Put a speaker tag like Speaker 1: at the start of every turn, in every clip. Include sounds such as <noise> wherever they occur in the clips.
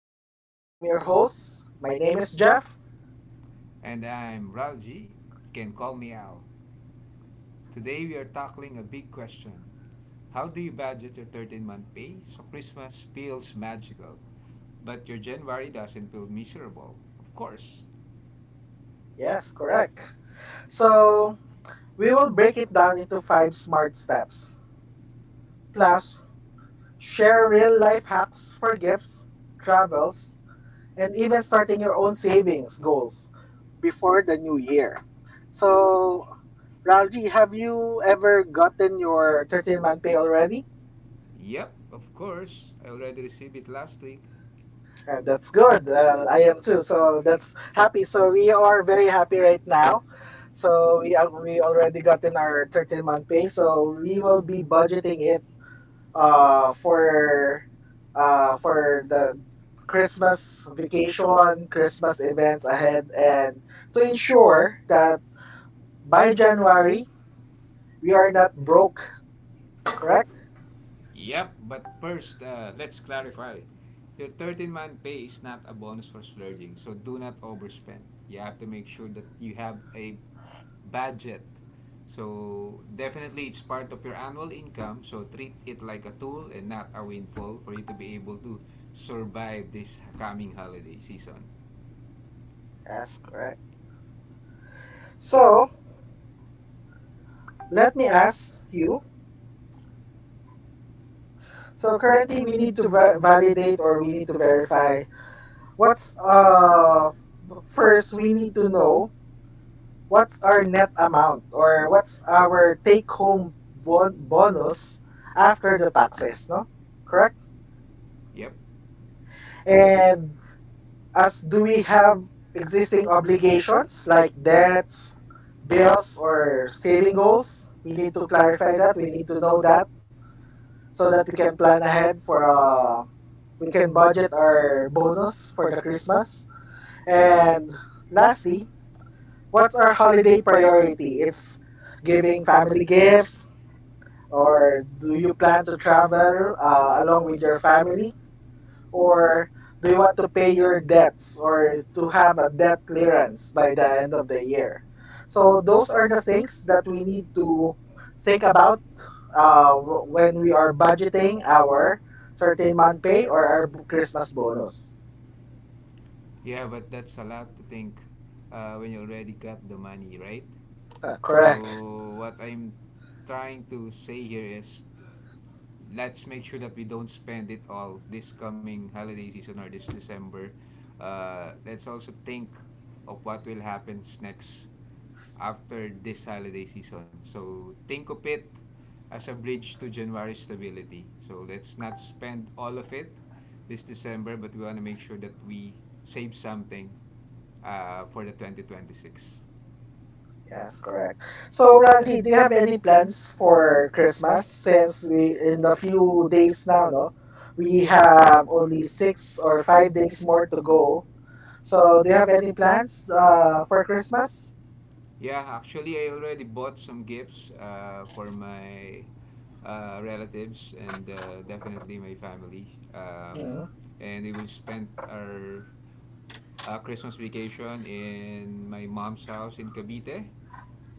Speaker 1: bank. I'm your host. My name is Jeff.
Speaker 2: And I'm Ralji. You can call me Al. Today we are tackling a big question. How do you budget your thirteen month pay so Christmas feels magical, but your January doesn't feel miserable? Of course.
Speaker 1: Yes, correct. So, we will break it down into five smart steps, plus, share real life hacks for gifts, travels, and even starting your own savings goals before the new year. So, Ralji, have you ever gotten your 13-month pay already?
Speaker 2: Yep, of course. I already received it last week.
Speaker 1: That's good. I am too. So that's happy. So we are very happy right now. So we already gotten our 13-month pay. So we will be budgeting it uh for for the Christmas vacation, Christmas events ahead, and to ensure that by January we are not broke, correct?
Speaker 2: Yep, but first, let's clarify. Your thirteen month pay is not a bonus for splurging, so do not overspend. You have to make sure that you have a budget. So, definitely, it's part of your annual income, so treat it like a tool and not a windfall for you to be able to survive this coming holiday season.
Speaker 1: Yes, correct. So, let me ask you. So currently we need to validate, or we need to verify what's first. We need to know what's our net amount, or what's our take home bonus after the taxes, no? Correct?
Speaker 2: Yep.
Speaker 1: And as do we have existing obligations like debts, bills, or saving goals? We need to clarify that, we need to know that, so that we can plan ahead, for we can budget our bonus for the Christmas. And lastly, what's our holiday priority? It's giving family gifts, or do you plan to travel along with your family, or do you want to pay your debts or to have a debt clearance by the end of the year? So those are the things that we need to think about when we are budgeting our 13-month pay or our Christmas bonus.
Speaker 2: Yeah, but that's a lot to think when you already got the money, right?
Speaker 1: <laughs> Correct.
Speaker 2: So what I'm trying to say here is let's make sure that we don't spend it all this coming holiday season or this December. Let's also think of what will happen next after this holiday season. So think of it as a bridge to January stability. So let's not spend all of it this December, but we want to make sure that we save something for the 2026.
Speaker 1: Yes, correct. So, Ralji, do you have any plans for Christmas? Since we in the few days now, no, we have only 6 or 5 days more to go. So, do you have any plans for Christmas?
Speaker 2: Yeah, actually, I already bought some gifts for my relatives and definitely my family. Um,
Speaker 1: Mhm.
Speaker 2: and we will spend our Christmas vacation in my mom's house in Cavite.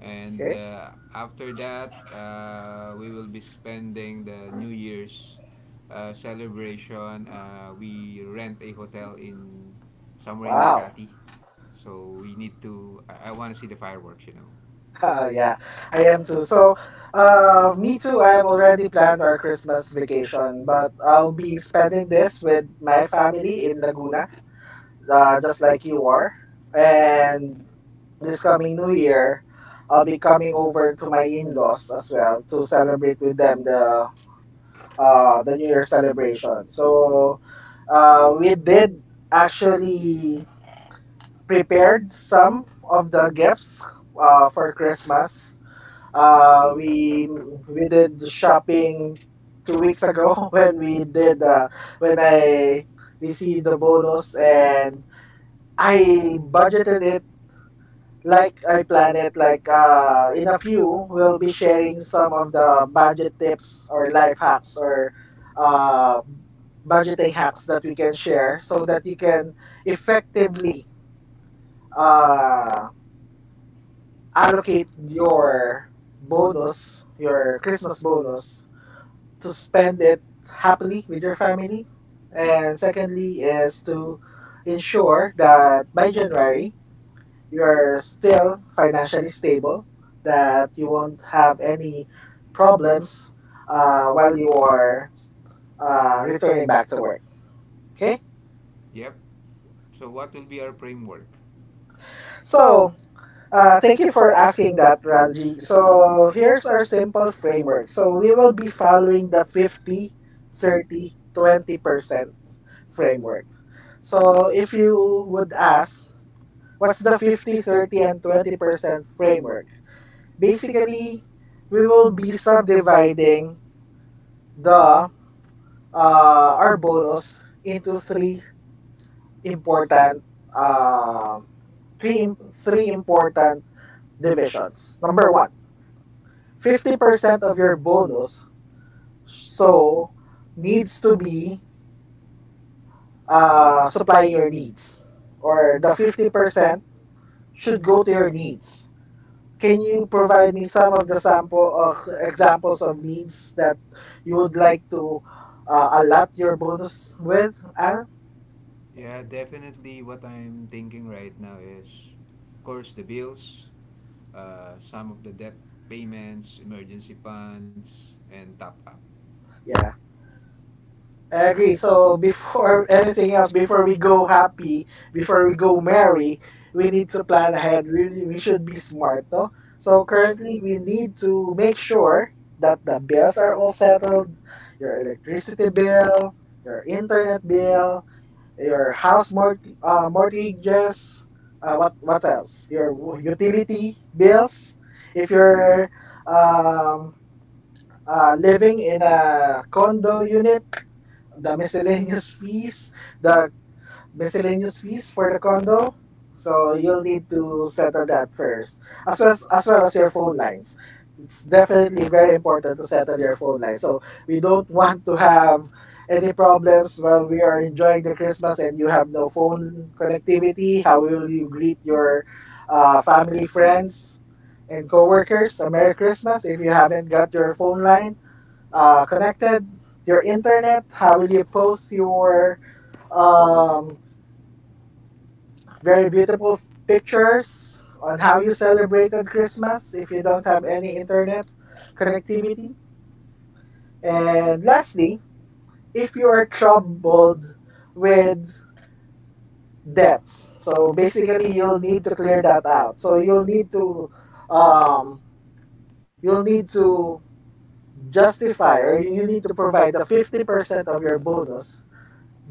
Speaker 2: And
Speaker 1: Okay.
Speaker 2: after that, we will be spending the New Year's celebration. We rent a hotel in somewhere in
Speaker 1: Wow. <laughs>
Speaker 2: Makati. So we need to. I want to see the fireworks.
Speaker 1: Yeah, I am too. So, me too. I have already planned our Christmas vacation, but I'll be spending this with my family in Laguna, just like you are. And this coming new year, I'll be coming over to my in-laws as well to celebrate with them the New Year celebration. So we did actually prepared some of the gifts for Christmas. Uh, we we did shopping 2 weeks ago. <laughs> When I received the bonus, and I budgeted it like I plan it. Like, in a few, we'll be sharing some of the budget tips or life hacks or uh, budgeting hacks that we can share so that you can effectively uh, allocate your bonus, your Christmas bonus, to spend it happily with your family. And secondly, is to ensure that by January, you're still financially stable, that you won't have any problems while you are returning back to work. Okay,
Speaker 2: Yep. So what will be our framework?
Speaker 1: so thank you for asking that, Ralji. So here's our simple framework. So we will be following the 50, 30, 20% framework. So if you would ask, what's the 50, 30, and 20% framework? Basically, we will be subdividing the our bonus into three important uh, three im- three important divisions. Number one, 50% of your bonus so needs to be supplying your needs, or the 50% should go to your needs. Can you provide me some of the sample of examples of needs that you would like to allot your bonus with? Al?
Speaker 2: Yeah, definitely. What I'm thinking right now is, of course, the bills, some of the debt payments, emergency funds, and top up.
Speaker 1: Yeah. I agree. So before <laughs> anything else, before we go happy, before we go merry, we need to plan ahead. We should be smart, no? So
Speaker 2: Yep.
Speaker 1: currently, we need to make sure that the bills are all settled, your electricity bill, your internet bill, your house mortgages, what else? Your utility bills. If you're um, living in a condo unit, the miscellaneous fees, the miscellaneous fees for the condo. So you'll need to settle that first, as well as your phone lines. It's definitely very important to settle your phone lines. So we don't want to have any problems while we are enjoying the Christmas and you have no phone connectivity. How will you greet your family, friends, and coworkers a Merry Christmas if you haven't got your phone line connected? Your internet, how will you post your um, very beautiful pictures on how you celebrated Christmas if you don't have any internet connectivity? And lastly, if you are troubled with debts, so basically you'll need to clear that out. So um, you'll need to justify, or you need to provide the 50% of your bonus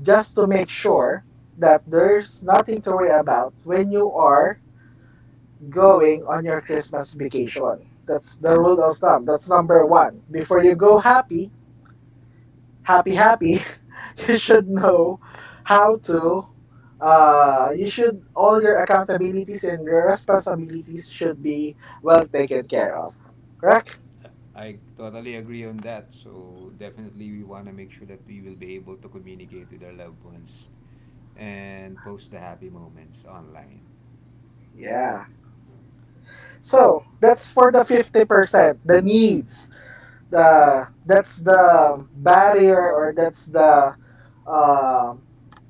Speaker 1: just to make sure that there's nothing to worry about when you are going on your Christmas vacation. That's the rule of thumb. That's number one. Before you go happy, happy, happy, <laughs> you should know how to. You should, all your accountabilities and your responsibilities should be well taken care of. Correct?
Speaker 2: I totally agree on that. So definitely we want to make sure that we will be able to communicate with our loved ones and post the happy moments online.
Speaker 1: Yeah. So that's for the 50%. The needs. The that's the barrier, or that's the um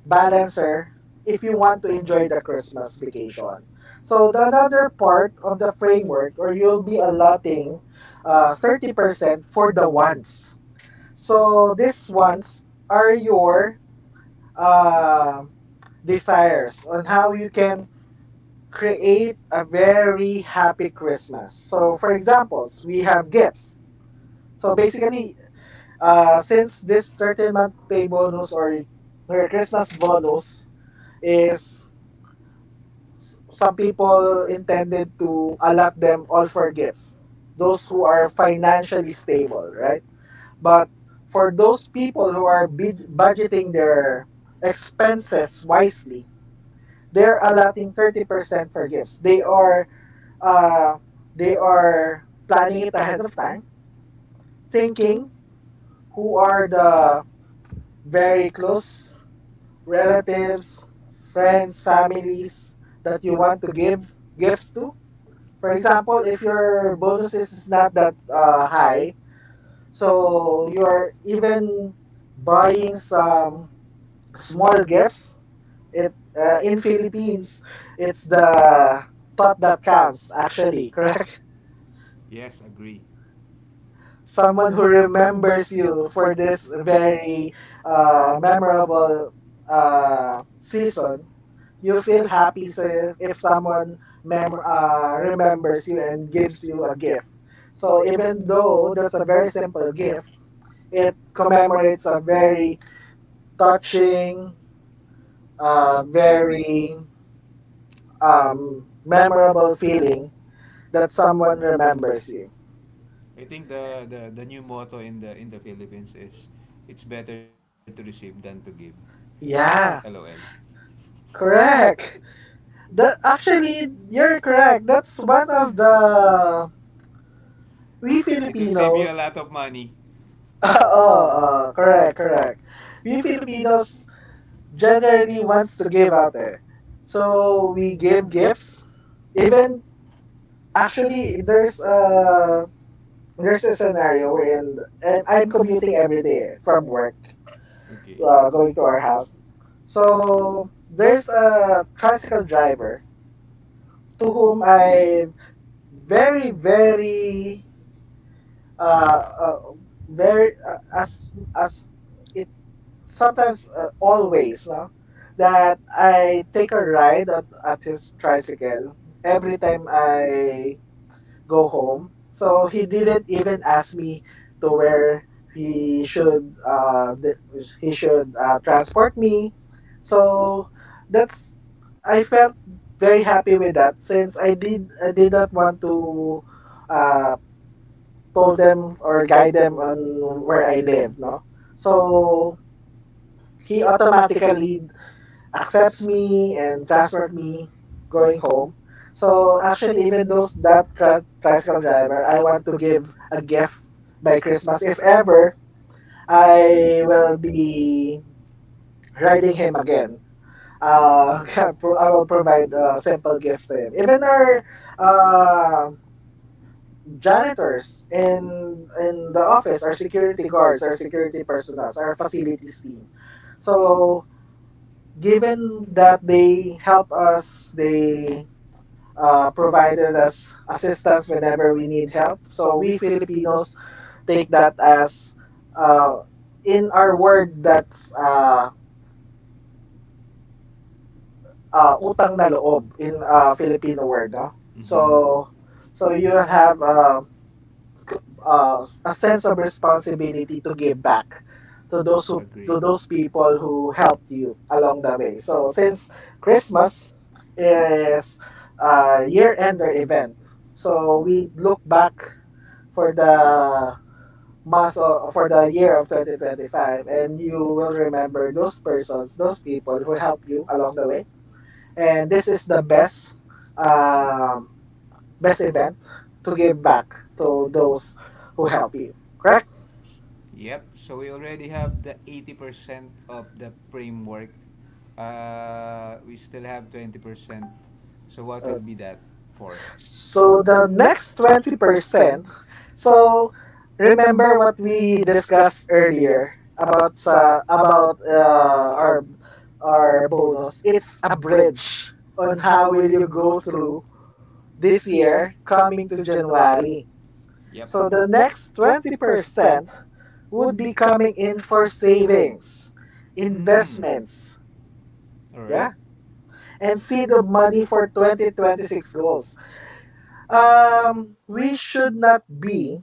Speaker 1: balancer if you want to enjoy the Christmas vacation. So the another part of the framework, or you'll be allotting 30% for the wants. So these wants are your uh, desires on how you can create a very happy Christmas. So for examples, we have gifts. So basically, since this 13-month pay bonus or your Christmas bonus is, some people intended to allot them all for gifts, those who are financially stable, right? But for those people who are budgeting their expenses wisely, they're allotting 30% for gifts. Uh, they are planning it ahead of time, thinking who are the very close relatives, friends, families that you want to give gifts to. For example, if your bonuses is not that high, so you're even buying some small gifts. It In Philippines, it's the thought that counts actually, <laughs> correct?
Speaker 2: Yes, agree.
Speaker 1: Someone who remembers you for this very memorable season, you feel happy. So if someone remembers you and gives you a gift, so even though that's a very simple gift, it commemorates a very touching, very memorable feeling that someone remembers you.
Speaker 2: I think the new motto in the Philippines is it's better to receive than to give. LOL.
Speaker 1: Yeah,
Speaker 2: <laughs>
Speaker 1: correct. That actually, you're correct. That's one of the, we
Speaker 2: It will save you a lot
Speaker 1: Filipinos.
Speaker 2: of money.
Speaker 1: <laughs> Oh, correct, correct. We Filipinos generally wants to give out there. So we give gifts. Even actually, there's a scenario wherein I'm commuting every day eh, from work,
Speaker 2: Okay.
Speaker 1: going to our house. So there's a tricycle driver to whom I very very uh, uh very uh, as as sometimes, always, no, that I take a ride at his tricycle every time I go home. So he didn't even ask me to where he should transport me. So that's, I felt very happy with that, since I did not want to uh told them or guide them on where I live, no. So he automatically accepts me and transferred me going home. So actually, even those that tricycle driver, I want to give a gift by Christmas. If ever I will be riding him again, uh, <laughs> I will provide simple gifts to him. Even our uh, janitors in the office, our security guards, our security personnel, our facilities team. So given that they help us, they provided us assistance whenever we need help. So we Filipinos take that as uh, in our word, that's utang na loob in Filipino word. No? So
Speaker 2: Mm-hmm.
Speaker 1: so you have a sense of responsibility to give back to those who
Speaker 2: Agree.
Speaker 1: to those people who helped you along the way. So since Christmas is a year-ender event, so we look back for the month or for the year of 2025, and you will remember those people who help you along the way, and this is the best um, best event to give back to those who help you. Correct.
Speaker 2: Yep. So we already have the 80% of the framework. We still have 20%. So what
Speaker 1: Okay.
Speaker 2: will be that for?
Speaker 1: So the next 20%, so remember what we discussed earlier about our bonus. It's a bridge on how will you go through this year coming to January.
Speaker 2: Yep.
Speaker 1: So the next 20% would be coming in for savings,
Speaker 2: Hmm.
Speaker 1: investments,
Speaker 2: All right.
Speaker 1: yeah, and see the money for 2026 goals. We should not be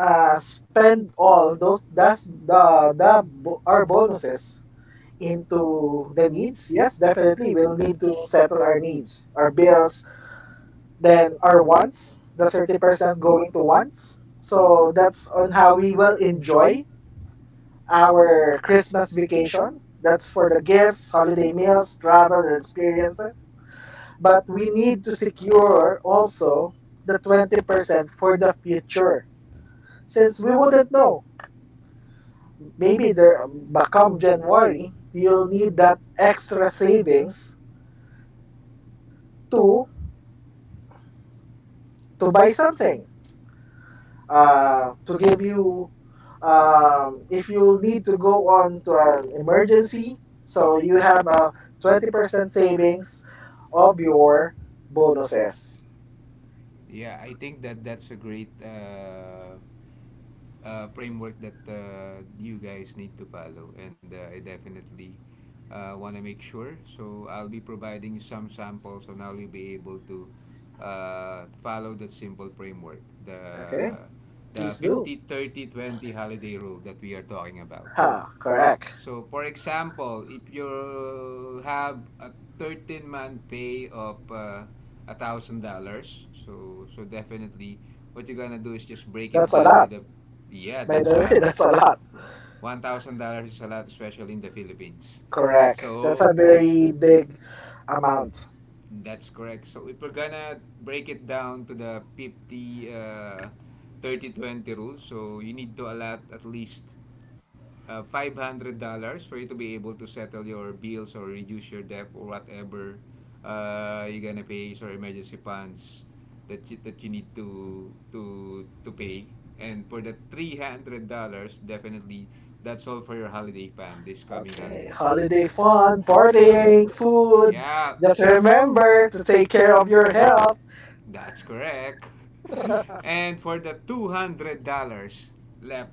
Speaker 1: spend all those, that's the our bonuses into the needs. Yes, definitely we'll need to settle our needs, our bills, then our wants, the 30% going to wants. So that's on how we will enjoy our Christmas vacation. That's for the gifts, holiday meals, travel, and experiences. But we need to secure also the 20% for the future. Since we wouldn't know, maybe there, but come January, you'll need that extra savings to to buy something, to give you if you need to go on to an emergency, so you have a 20% savings of your bonuses.
Speaker 2: Yeah, I think that that's a great framework that you guys need to follow, and I definitely want to make sure. So I'll be providing some samples, and I'll be able to follow that simple framework,
Speaker 1: Okay,
Speaker 2: the
Speaker 1: please do.
Speaker 2: 50/30/20 holiday rule that we are talking about.
Speaker 1: Ha, correct.
Speaker 2: So, for example, if you have a 13 month pay of $1,000, so definitely what you're gonna do is just break it
Speaker 1: That's a
Speaker 2: down
Speaker 1: lot.
Speaker 2: with a yeah,
Speaker 1: By
Speaker 2: that's
Speaker 1: the
Speaker 2: a
Speaker 1: way, <laughs>
Speaker 2: lot. What
Speaker 1: that's a lot.
Speaker 2: $1,000 is a lot, especially in the Philippines.
Speaker 1: Correct. That's a
Speaker 2: So if
Speaker 1: very big amount.
Speaker 2: that's correct, so if we're gonna break it down to the 50 30 20 rule, so you need to allot at least $500 for you to be able to settle your bills or reduce your debt or whatever you're gonna pay your emergency funds that you need to to pay. And for the $300, definitely that's all for your holiday plan this coming
Speaker 1: Okay,
Speaker 2: holidays.
Speaker 1: holiday fun,
Speaker 2: Yeah,
Speaker 1: partying, food.
Speaker 2: yeah.
Speaker 1: Just remember to take care of your health.
Speaker 2: That's correct. <laughs> And for the $200 left,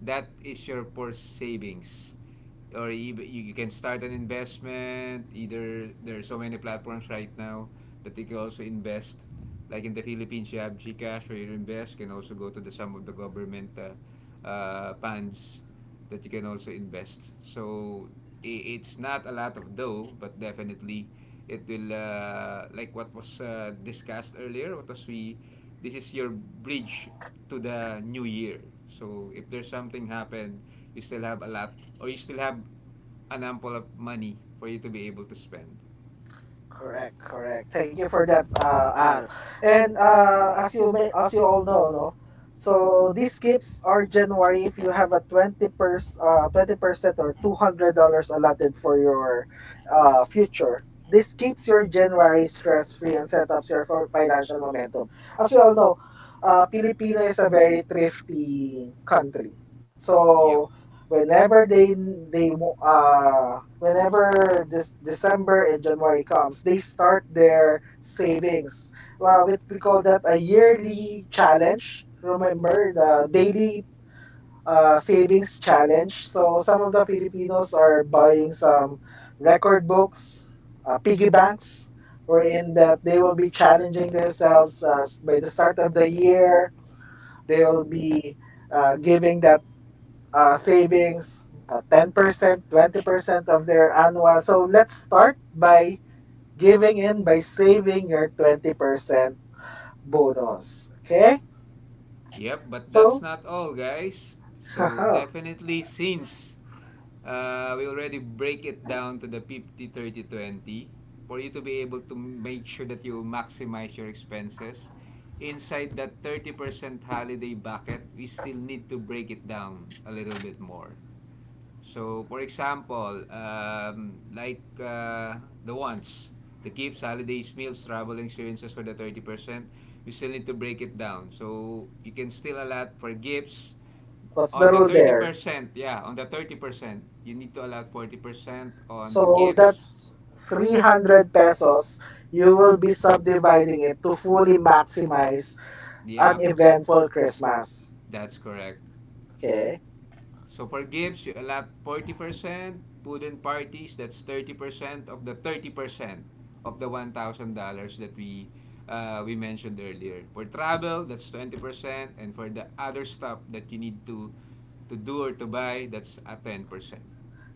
Speaker 2: that is your for savings. Or you can start an investment. Either there are so many platforms right now that you can also invest. Like in the Philippines, you have GCash where you invest. You can also go to the some of the government funds that you can also invest. So it's not a lot of dough, but definitely it will like what was discussed earlier. What was we? This is your bridge to the new year. So if there's something happened, you still have a lot, or you still have an ample of money for you to be able to spend.
Speaker 1: Correct, correct. Thank you for that, Al. And as you all know, no. So these gifts are January if you have a 20%, or $200 allotted for your future. This keeps your January stress free and set up your financial momentum. As we all know, Filipino is a very thrifty country.
Speaker 2: Yep.
Speaker 1: So whenever whenever this December and January comes, they start their savings. Well, we call that a yearly challenge. Remember the daily savings challenge. So some of the Filipinos are buying some record books, piggy banks, wherein that they will be challenging themselves by the start of the year. They will be giving that 10%, 20% of their annual. So let's start by giving in by saving your 20% bonus. Okay?
Speaker 2: Yep, but that's
Speaker 1: So,
Speaker 2: not all, guys.
Speaker 1: <laughs>
Speaker 2: So
Speaker 1: haha,
Speaker 2: definitely since we already break it down to the 50/30/20 for you to be able to make sure that you maximize your expenses inside that 30% holiday bucket, we still need to break it down a little bit more. So, for example, like the wants, the gifts, holidays, meals, travel experiences for the 30%, we still need to break it down. So, you can still allot for gifts.
Speaker 1: what's
Speaker 2: On
Speaker 1: the
Speaker 2: the
Speaker 1: rule
Speaker 2: thirty
Speaker 1: there?
Speaker 2: percent yeah, on the 30% you need to allot 40% on the
Speaker 1: So
Speaker 2: gifts,
Speaker 1: that's 300 pesos. You will be subdividing it to fully maximize
Speaker 2: the
Speaker 1: an
Speaker 2: app.
Speaker 1: eventful Christmas.
Speaker 2: That's correct.
Speaker 1: Okay?
Speaker 2: So for gifts, you allot 40%, food and parties, that's 30% of the 30% of the $1,000 that we mentioned earlier. For travel, that's 20%, and for the other stuff that you need to do or to buy, that's a 10%.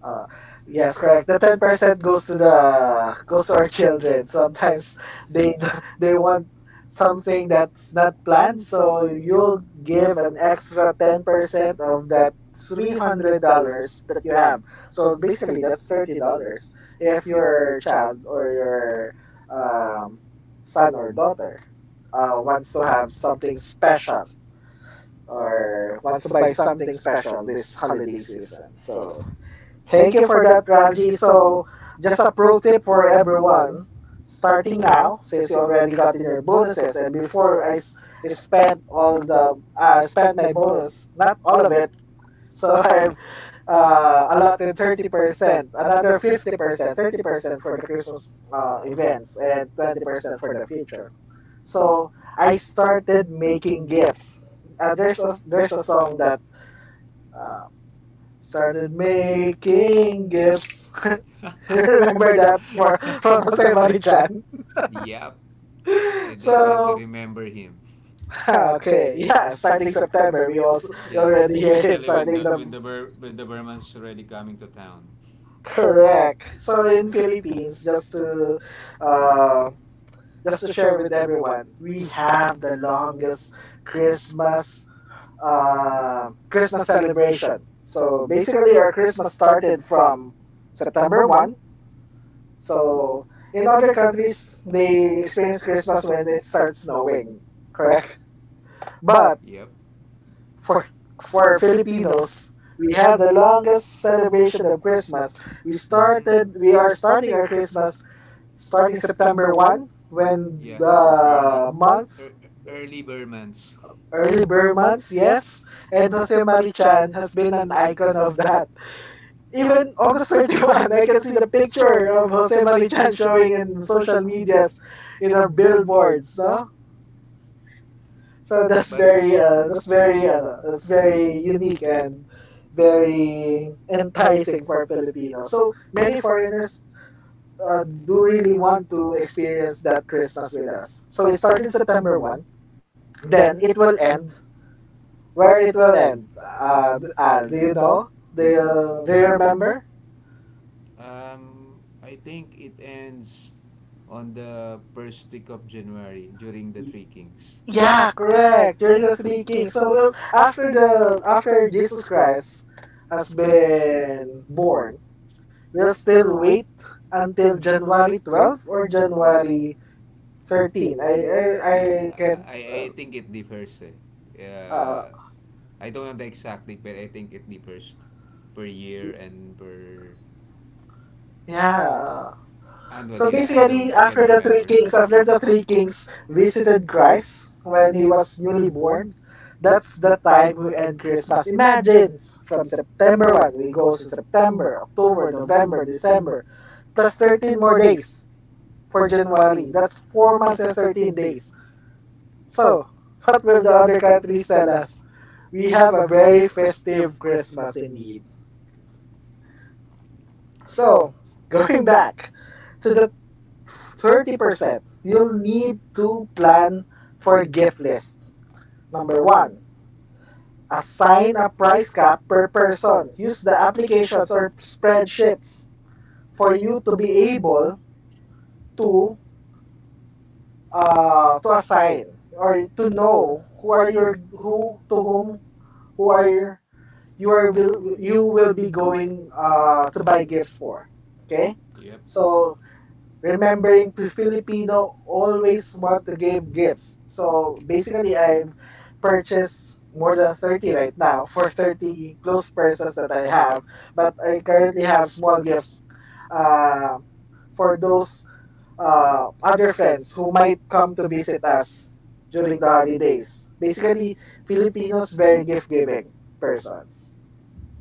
Speaker 1: Uh, yes, correct. The 10% goes to our children. Sometimes they <laughs> they want something that's not planned, so you'll give an extra 10% of that $300 that you have. So basically, that's $30 if your child or your um, son or daughter wants to have something special or wants to buy something special this holiday season. So thank you for that, Ralji. So, just a pro tip for everyone starting now, since you already got in your bonuses, and I spent all the spent my bonus, not all of it. So <laughs> I've allotted 30%, another 50%, 30% for the Christmas events, and 20% for the future. So I started making gifts. There's a song that uh, started making gifts. <laughs> <laughs> Remember that for from Jose Marichan.
Speaker 2: <laughs> Yep. I definitely
Speaker 1: So
Speaker 2: remember him.
Speaker 1: <laughs> okay, yeah, starting September,
Speaker 2: <laughs>
Speaker 1: we
Speaker 2: Yeah,
Speaker 1: already hear him
Speaker 2: especially when
Speaker 1: starting
Speaker 2: the
Speaker 1: the
Speaker 2: when the Bur- when the Burman's already coming to town.
Speaker 1: correct. So in Philippines, uh, just to share with everyone, we have the longest Christmas Christmas celebration. So basically, our Christmas started from September one. So in other countries, they experience Christmas when it starts snowing. Correct. But
Speaker 2: Yep.
Speaker 1: For for Filipinos, we have the longest celebration of Christmas.
Speaker 2: Mm-hmm.
Speaker 1: We are starting our Christmas starting September 1 when
Speaker 2: Yeah. Early,
Speaker 1: the month
Speaker 2: er, early Burmans. <laughs>
Speaker 1: early Burr months, yes, and Jose Marichan has been an icon of that. Even August 31, I can see the picture of Jose Marichan showing in social medias in our
Speaker 2: Yep.
Speaker 1: billboards, no? So that's
Speaker 2: But
Speaker 1: very ano, that's very unique and very enticing for Filipino. So many foreigners do really want to experience that Christmas with us. So it started September 1. Then it will end. Where it will end? Al, do you know? Do you remember?
Speaker 2: um, I think it ends on the first week of January during the
Speaker 1: Y-
Speaker 2: Three Kings.
Speaker 1: Yeah, correct. During the Three Kings. So well, after Jesus Christ has been born, we'll still wait until January 12th or January 13. I
Speaker 2: I,
Speaker 1: can't.
Speaker 2: I, I think it differs. Eh.
Speaker 1: Uh,
Speaker 2: I don't know the exact date, but I think it differs per year and per
Speaker 1: yeah. So
Speaker 2: annually. I
Speaker 1: basically,
Speaker 2: don't. I can't remember.
Speaker 1: after the three kings visited Christ when he was newly born, that's the time we end Christmas. Imagine from September 1, we go to September, October, November, December, plus 13 more days for January. That's 4 months and 13 days. So, what will the other countries tell us? We have a very festive Christmas indeed. So, <laughs> going back to the 30%, you'll need to plan for gift list. Number one, assign a price cap per person. Use the applications or spreadsheets for you to be able to to assign or to know who to whom who are your, you will be going to buy gifts for. Okay,
Speaker 2: Yep.
Speaker 1: so remembering Filipino always want to give gifts. So basically, I've purchased more than 30 right now for 30 close persons that I have. But I currently have small gifts uh, for those other friends who might come to visit us during the holidays. Basically, Filipinos very gift giving persons.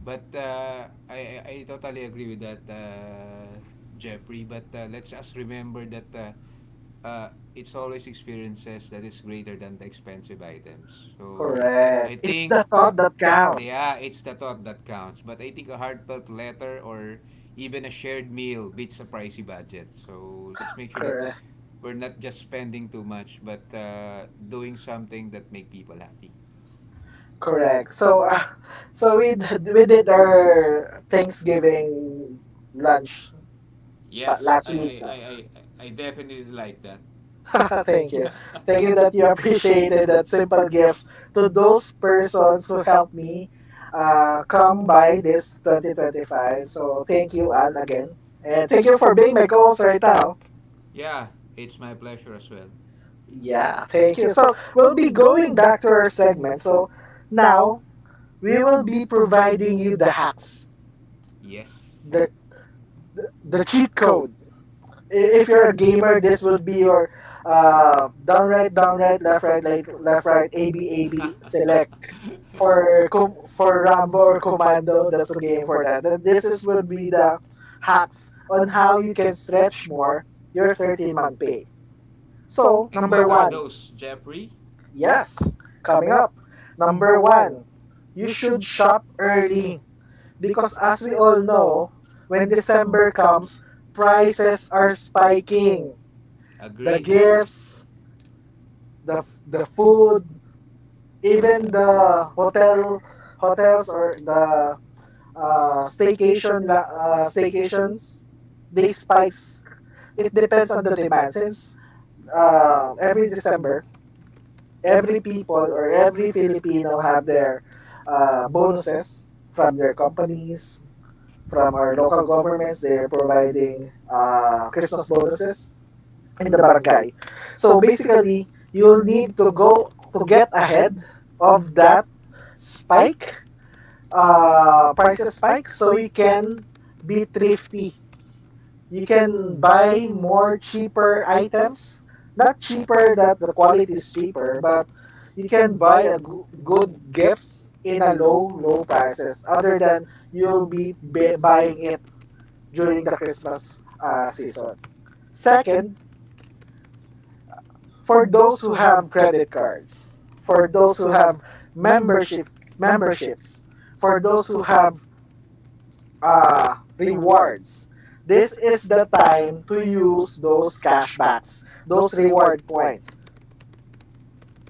Speaker 2: But I totally agree with that, Jeffrey. But let's us remember that uh, it's always experiences that is greater than the expensive items. So
Speaker 1: Correct.
Speaker 2: I
Speaker 1: It's
Speaker 2: think,
Speaker 1: the thought that counts.
Speaker 2: yeah, it's the thought that counts. But I think a heartfelt letter or even a shared meal beats a pricey budget. So let's make sure that
Speaker 1: Correct.
Speaker 2: we're not just spending too much, but doing something that make people happy.
Speaker 1: Correct. So, <laughs> so we did our Thanksgiving lunch
Speaker 2: Yes, I
Speaker 1: last
Speaker 2: I
Speaker 1: week.
Speaker 2: I
Speaker 1: No?
Speaker 2: I I definitely like that.
Speaker 1: <laughs> Thank you, thank you
Speaker 2: <laughs>
Speaker 1: that you appreciated that simple gifts to those persons who helped me come by this 2025. So thank you all again, and thank you for being my co-host right now.
Speaker 2: Yeah, it's my pleasure as well.
Speaker 1: Yeah, thank you. So we'll be going back to our segment. So now we will be providing you the hacks,
Speaker 2: Yes.
Speaker 1: the the cheat code if you're a gamer, this would be your down right, right, left right, A B A B
Speaker 2: <laughs>
Speaker 1: select for Rambo or Commando. That's a game for that. That this is would be the hacks on how you can stretch more your 13-month pay. So
Speaker 2: And
Speaker 1: number
Speaker 2: what are
Speaker 1: one,
Speaker 2: those, Jeffrey?
Speaker 1: yes, coming up. Number one, you should shop early because as we all know, when December comes, prices are spiking the
Speaker 2: Agree.
Speaker 1: gifts, the the food, even the hotels or the staycations, they spikes. It depends on the demand. Since every December, every people or every Filipino have their bonuses from their companies, from our local governments. They are providing Christmas bonuses in the barangay. So basically, you'll need to go to get ahead of that spike, prices spike, so you can be thrifty. You can buy more cheaper items. Not cheaper that the quality is cheaper, but you can buy a good gifts in a low, low prices other than you'll be buying it during the Christmas season. Second, for those who have credit cards, for those who have membership memberships, for those who have uh, rewards. This is the time to use those cashbacks, those reward points.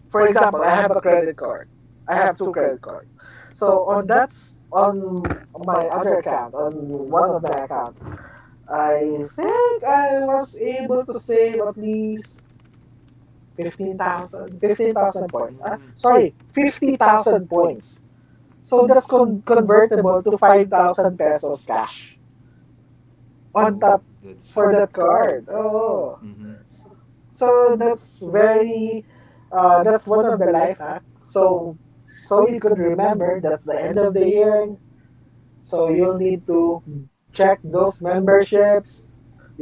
Speaker 1: For example, I have a credit card. I have two credit cards. So on my other account, on one of my account, I think I was able to save at least fifteen thousand points. Ah,
Speaker 2: Mm.
Speaker 1: sorry, 50,000 points. So that's convertible to 5,000 pesos cash on top
Speaker 2: Oh, that's a
Speaker 1: for
Speaker 2: lot.
Speaker 1: that card. Oh.
Speaker 2: Mm-hmm.
Speaker 1: So, so that's very that's one of the life hack. So so you could remember that's the end of the year. So you'll need to check those memberships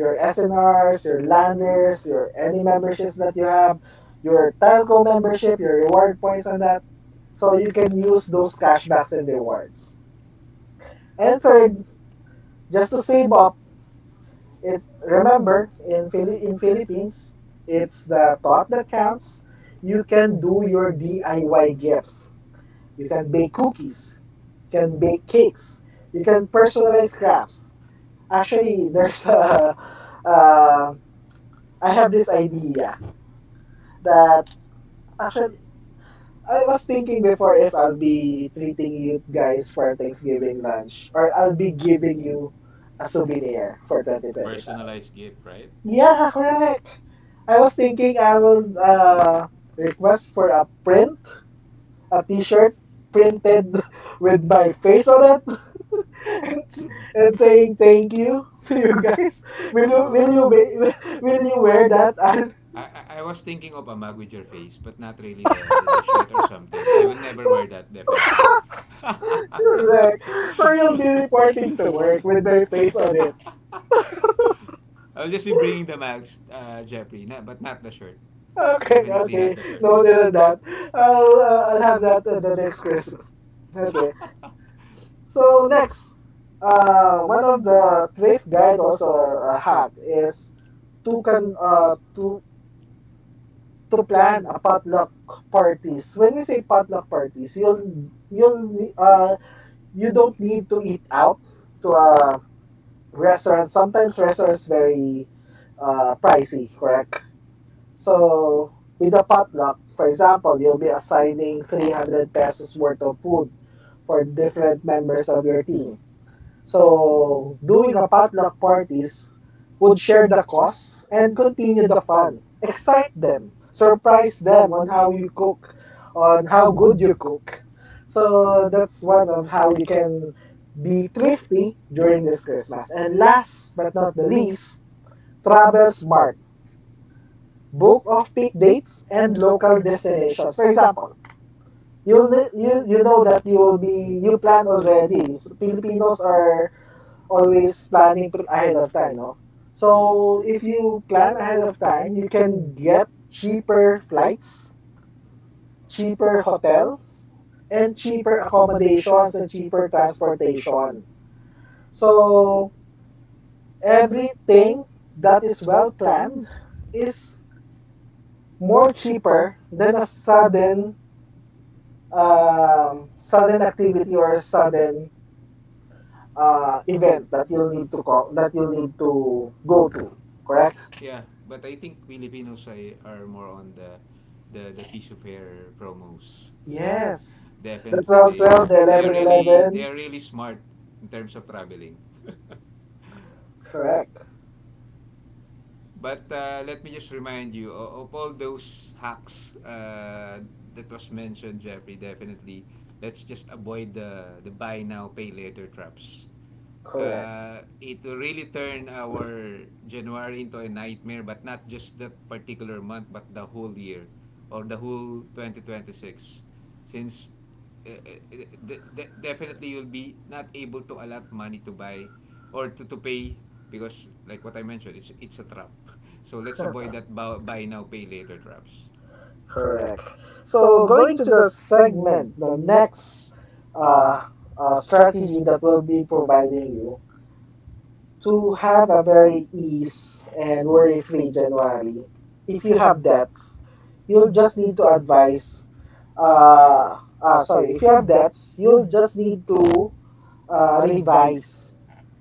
Speaker 1: your SNRs, your landers, your any memberships that you have, your telco membership, your reward points on that. So you can use those cashbacks and rewards. And third, just to save up, it remember in Philippines, it's the thought that counts. You can do your DIY gifts. You can bake cookies, you can bake cakes, you can personalize crafts. Actually, <laughs> there's a uh, I have this idea that Actually, I was thinking before if I'll be treating you guys for Thanksgiving lunch or I'll be giving you a souvenir for
Speaker 2: A
Speaker 1: 2025.
Speaker 2: personalized gift, right?
Speaker 1: Yeah, correct. I was thinking I will request for a print, a t-shirt printed <laughs> with my face on it <laughs> and, and saying thank you <laughs> to you guys. Will you will
Speaker 2: Whoa.
Speaker 1: you be, <laughs> will you wear that? <laughs> And
Speaker 2: I was thinking of a mug with your face, but not really the shirt or something. I will never
Speaker 1: so
Speaker 2: wear that, definitely. <laughs>
Speaker 1: correct. So you'll be reporting to work with my face on it.
Speaker 2: I'll just be bringing the mags, Jeffrey, na, but not the shirt.
Speaker 1: <laughs>
Speaker 2: Definitely
Speaker 1: Okay.
Speaker 2: not the shirt.
Speaker 1: Noted on that. I'll have that at the next Christmas. Okay.
Speaker 2: <laughs>
Speaker 1: So next, one of the thrift guide also a hack is to con to plan a potluck parties. When we say potluck parties, you don't need to eat out to a restaurant. Sometimes restaurants very pricey, correct? So with a potluck, for example, you'll be assigning 300 pesos worth of food for different members of your team. So doing a potluck parties would share the costs and continue the fun. Excite them, surprise them on how you cook, on how good you cook. So that's one of how you can be thrifty during this Christmas. And last but not the least, travel smart book of peak dates and local destinations. For example, you know that you will be you planned already. So Filipinos are always planning ahead of time, no? So if you plan ahead of time, you can get cheaper flights, cheaper hotels, and cheaper accommodations and cheaper transportation. So everything that is well planned is more cheaper than a sudden sudden activity or sudden event that you'll need to call that you'll need to go to. Correct.
Speaker 2: Yeah, but I think Filipinos ay, are more on the piece of hair promos. So
Speaker 1: Yes, the
Speaker 2: definitely
Speaker 1: 12,
Speaker 2: they
Speaker 1: 12, the
Speaker 2: they, they are
Speaker 1: 11,
Speaker 2: really
Speaker 1: 11.
Speaker 2: smart in terms of traveling. <laughs>
Speaker 1: Correct.
Speaker 2: But let me just remind you of all those hacks that was mentioned, Jeffrey. Definitely, let's just avoid the buy now pay later traps.
Speaker 1: Correct.
Speaker 2: It will really turn our January into a nightmare, but not just that particular month, but the whole year or the whole 2026. Since uh, uh, definitely you'll be not able to allot money to buy or to pay because like what I mentioned, it's a trap. <laughs> So let's avoid that buy now pay later traps.
Speaker 1: Correct. So going to the segment, the next uh, strategy that will be providing you to have a very ease and worry free January. If you have debts, you'll just need to advise, uh, sorry if you have debts you'll just need to revise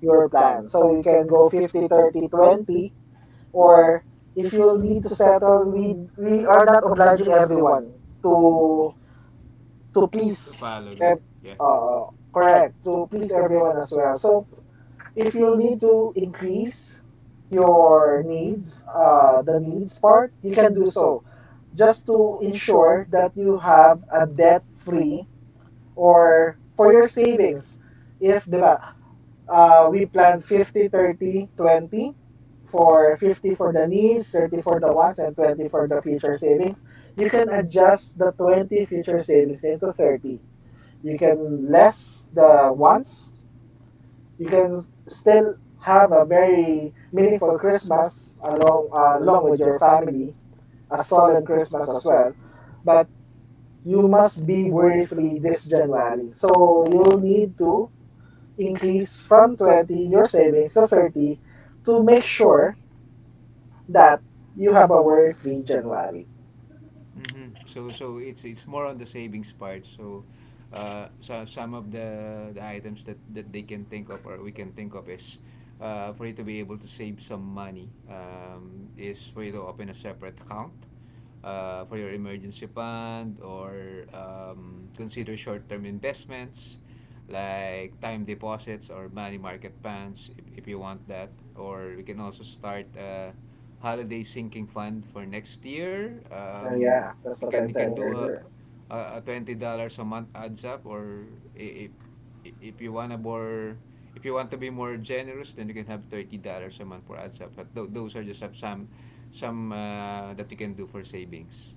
Speaker 1: your plan so you can go 50, 30, 20. Or if you'll need to settle, we are not obliging everyone to to
Speaker 2: To
Speaker 1: please
Speaker 2: follow that,
Speaker 1: ev-
Speaker 2: yeah.
Speaker 1: uh, correct, to please everyone as well. So if you'll need to increase your needs, uh, the needs part, you can do so just to ensure that you have a debt free or for your savings. If, di ba, we plan 50, 30, 20, for 50 for the needs, 30 for the wants, and 20 for the future savings, you can adjust the 20 future savings into 30. You can less the wants. You can still have a very meaningful Christmas along along with your family, a solemn Christmas as well. But you must be worry free this January. So you'll need to increase from 20 your savings to 30 to make sure that you have a worry-free January.
Speaker 2: Mhm. So it's more on the savings part. So some of the items that they can think of or we can think of is for you to be able to save some money, is for you to open a separate account for your emergency fund or consider short-term investments like time deposits or money market funds if you want that, or we can also start a holiday sinking fund for next year.
Speaker 1: Yeah, that's
Speaker 2: You
Speaker 1: what
Speaker 2: can
Speaker 1: I'm telling
Speaker 2: do
Speaker 1: earlier.
Speaker 2: a $20 a month adds up or i- if, if you want to be more generous, then you can have $30 a month for adds up. But those are just some that you can do for savings.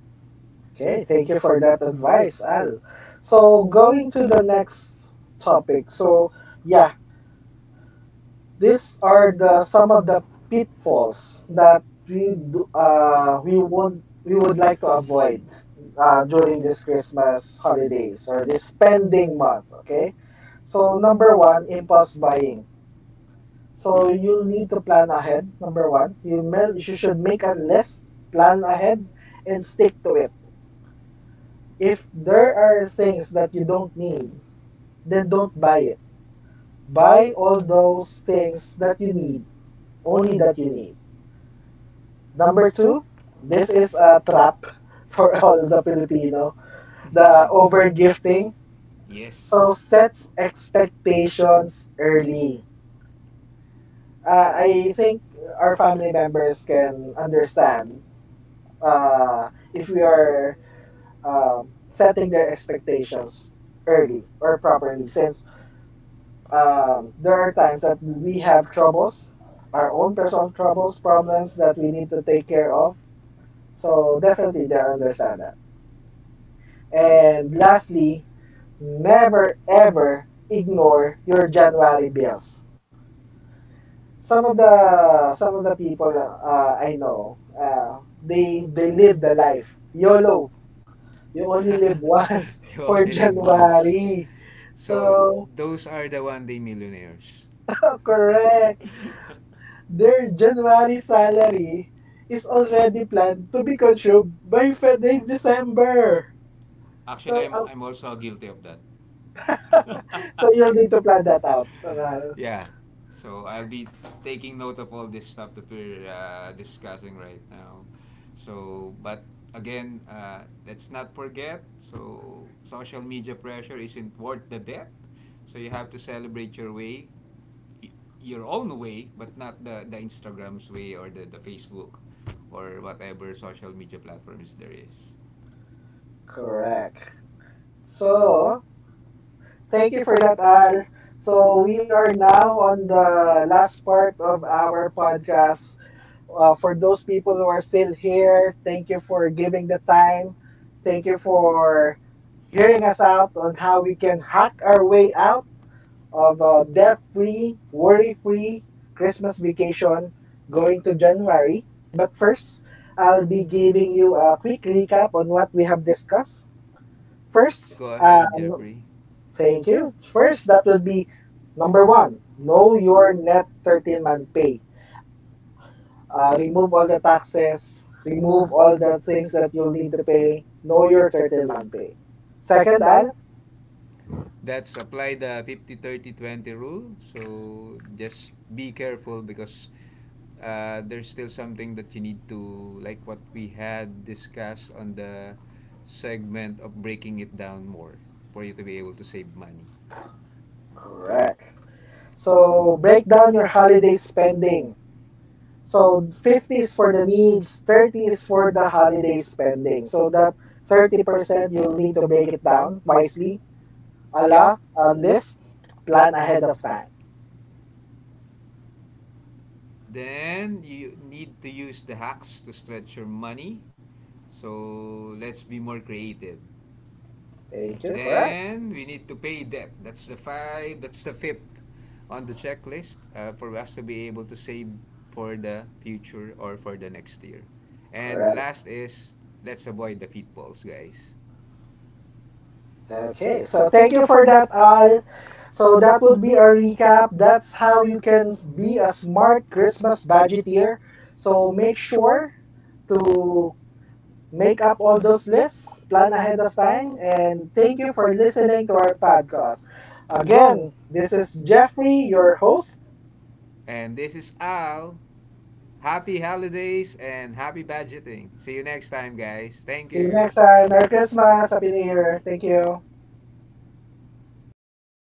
Speaker 1: Okay, thank you for that advice, Al. So going to the next topic. So yeah, these are the some of the pitfalls that we do- uh we would we would like to avoid during this Christmas holidays or this spending month. Okay, so number one, impulse buying. So you'll need to plan ahead. Number one, you should make a list, plan ahead, and stick to it. If there are things that you don't need, then don't buy it. Buy all those things that you need, only that you need. Number two, this is a trap <laughs> for all the Filipino, the over
Speaker 2: <laughs>
Speaker 1: gifting. So
Speaker 2: Yes.
Speaker 1: set expectations early. I think our family members can understand uh, if we are setting their expectations early or properly, since there are times that we have troubles our own personal troubles, problems that we need to take care of, so definitely they understand that. And lastly, never ever ignore your January bills. Some of the some of the people I know, uh, they live the life YOLO. You only live once
Speaker 2: <laughs> You
Speaker 1: <laughs> for
Speaker 2: only live once.
Speaker 1: January. So,
Speaker 2: So those are the one day millionaires.
Speaker 1: <laughs> correct. Their January salary is already planned to be consumed by by December.
Speaker 2: Actually,
Speaker 1: So,
Speaker 2: I'm, I'm also guilty of that.
Speaker 1: so you'll
Speaker 2: <laughs>
Speaker 1: need to plan that out, Ral.
Speaker 2: Yeah. So I'll be taking note of all this stuff that we're discussing right now. So, but again, let's not forget. So, social media pressure isn't worth the debt. So you have to celebrate your own way, but not the Instagram's way or the Facebook or whatever social media platforms there is.
Speaker 1: Correct. So, thank you for that, Al. So, we are now on the last part of our podcast. Uh, for those people who are still here, thank you for giving the time. Thank you for hearing us out on how we can hack our way out of a debt free, worry free Christmas vacation going to January. But first, I'll be giving you a quick recap on what we have discussed. First,
Speaker 2: Go ahead, Jeffrey.
Speaker 1: thank you. First, that would be number one, know your net 13-month pay. Uh, remove all the taxes, remove all the things that you'll need to pay, know your 13-month pay. Second, Al?
Speaker 2: That's apply the 50/30/20 rule. So just be careful because there's still something that you need to like what we had discussed on the segment of breaking it down more for you to be able to save money.
Speaker 1: Correct. So break down your holiday spending. So 50 is for the needs, 30 is for the holiday spending. So that 30% you'll need to break it down wisely. A
Speaker 2: Yep.
Speaker 1: lot, a list, plan ahead of time.
Speaker 2: Then you need to use the hacks to stretch your money. So let's be more creative.
Speaker 1: Thank you. Correct.
Speaker 2: Then we need to pay debt. That's the fifth on the checklist for us to be able to save for the future or for the next year. And
Speaker 1: Correct.
Speaker 2: last is let's avoid the pitfalls, guys.
Speaker 1: Okay. So thank you for that, Al. So that would be our recap. That's how you can be a smart Christmas budgeteer. So make sure to make up all those lists, plan ahead of time, and thank you for listening to our podcast. Again, this is Jeffrey, your host.
Speaker 2: And this is Al. Happy holidays and happy budgeting. See you next time, guys. Thank
Speaker 1: See you
Speaker 2: you.
Speaker 1: next time. Merry Christmas. Happy New Year. Thank you.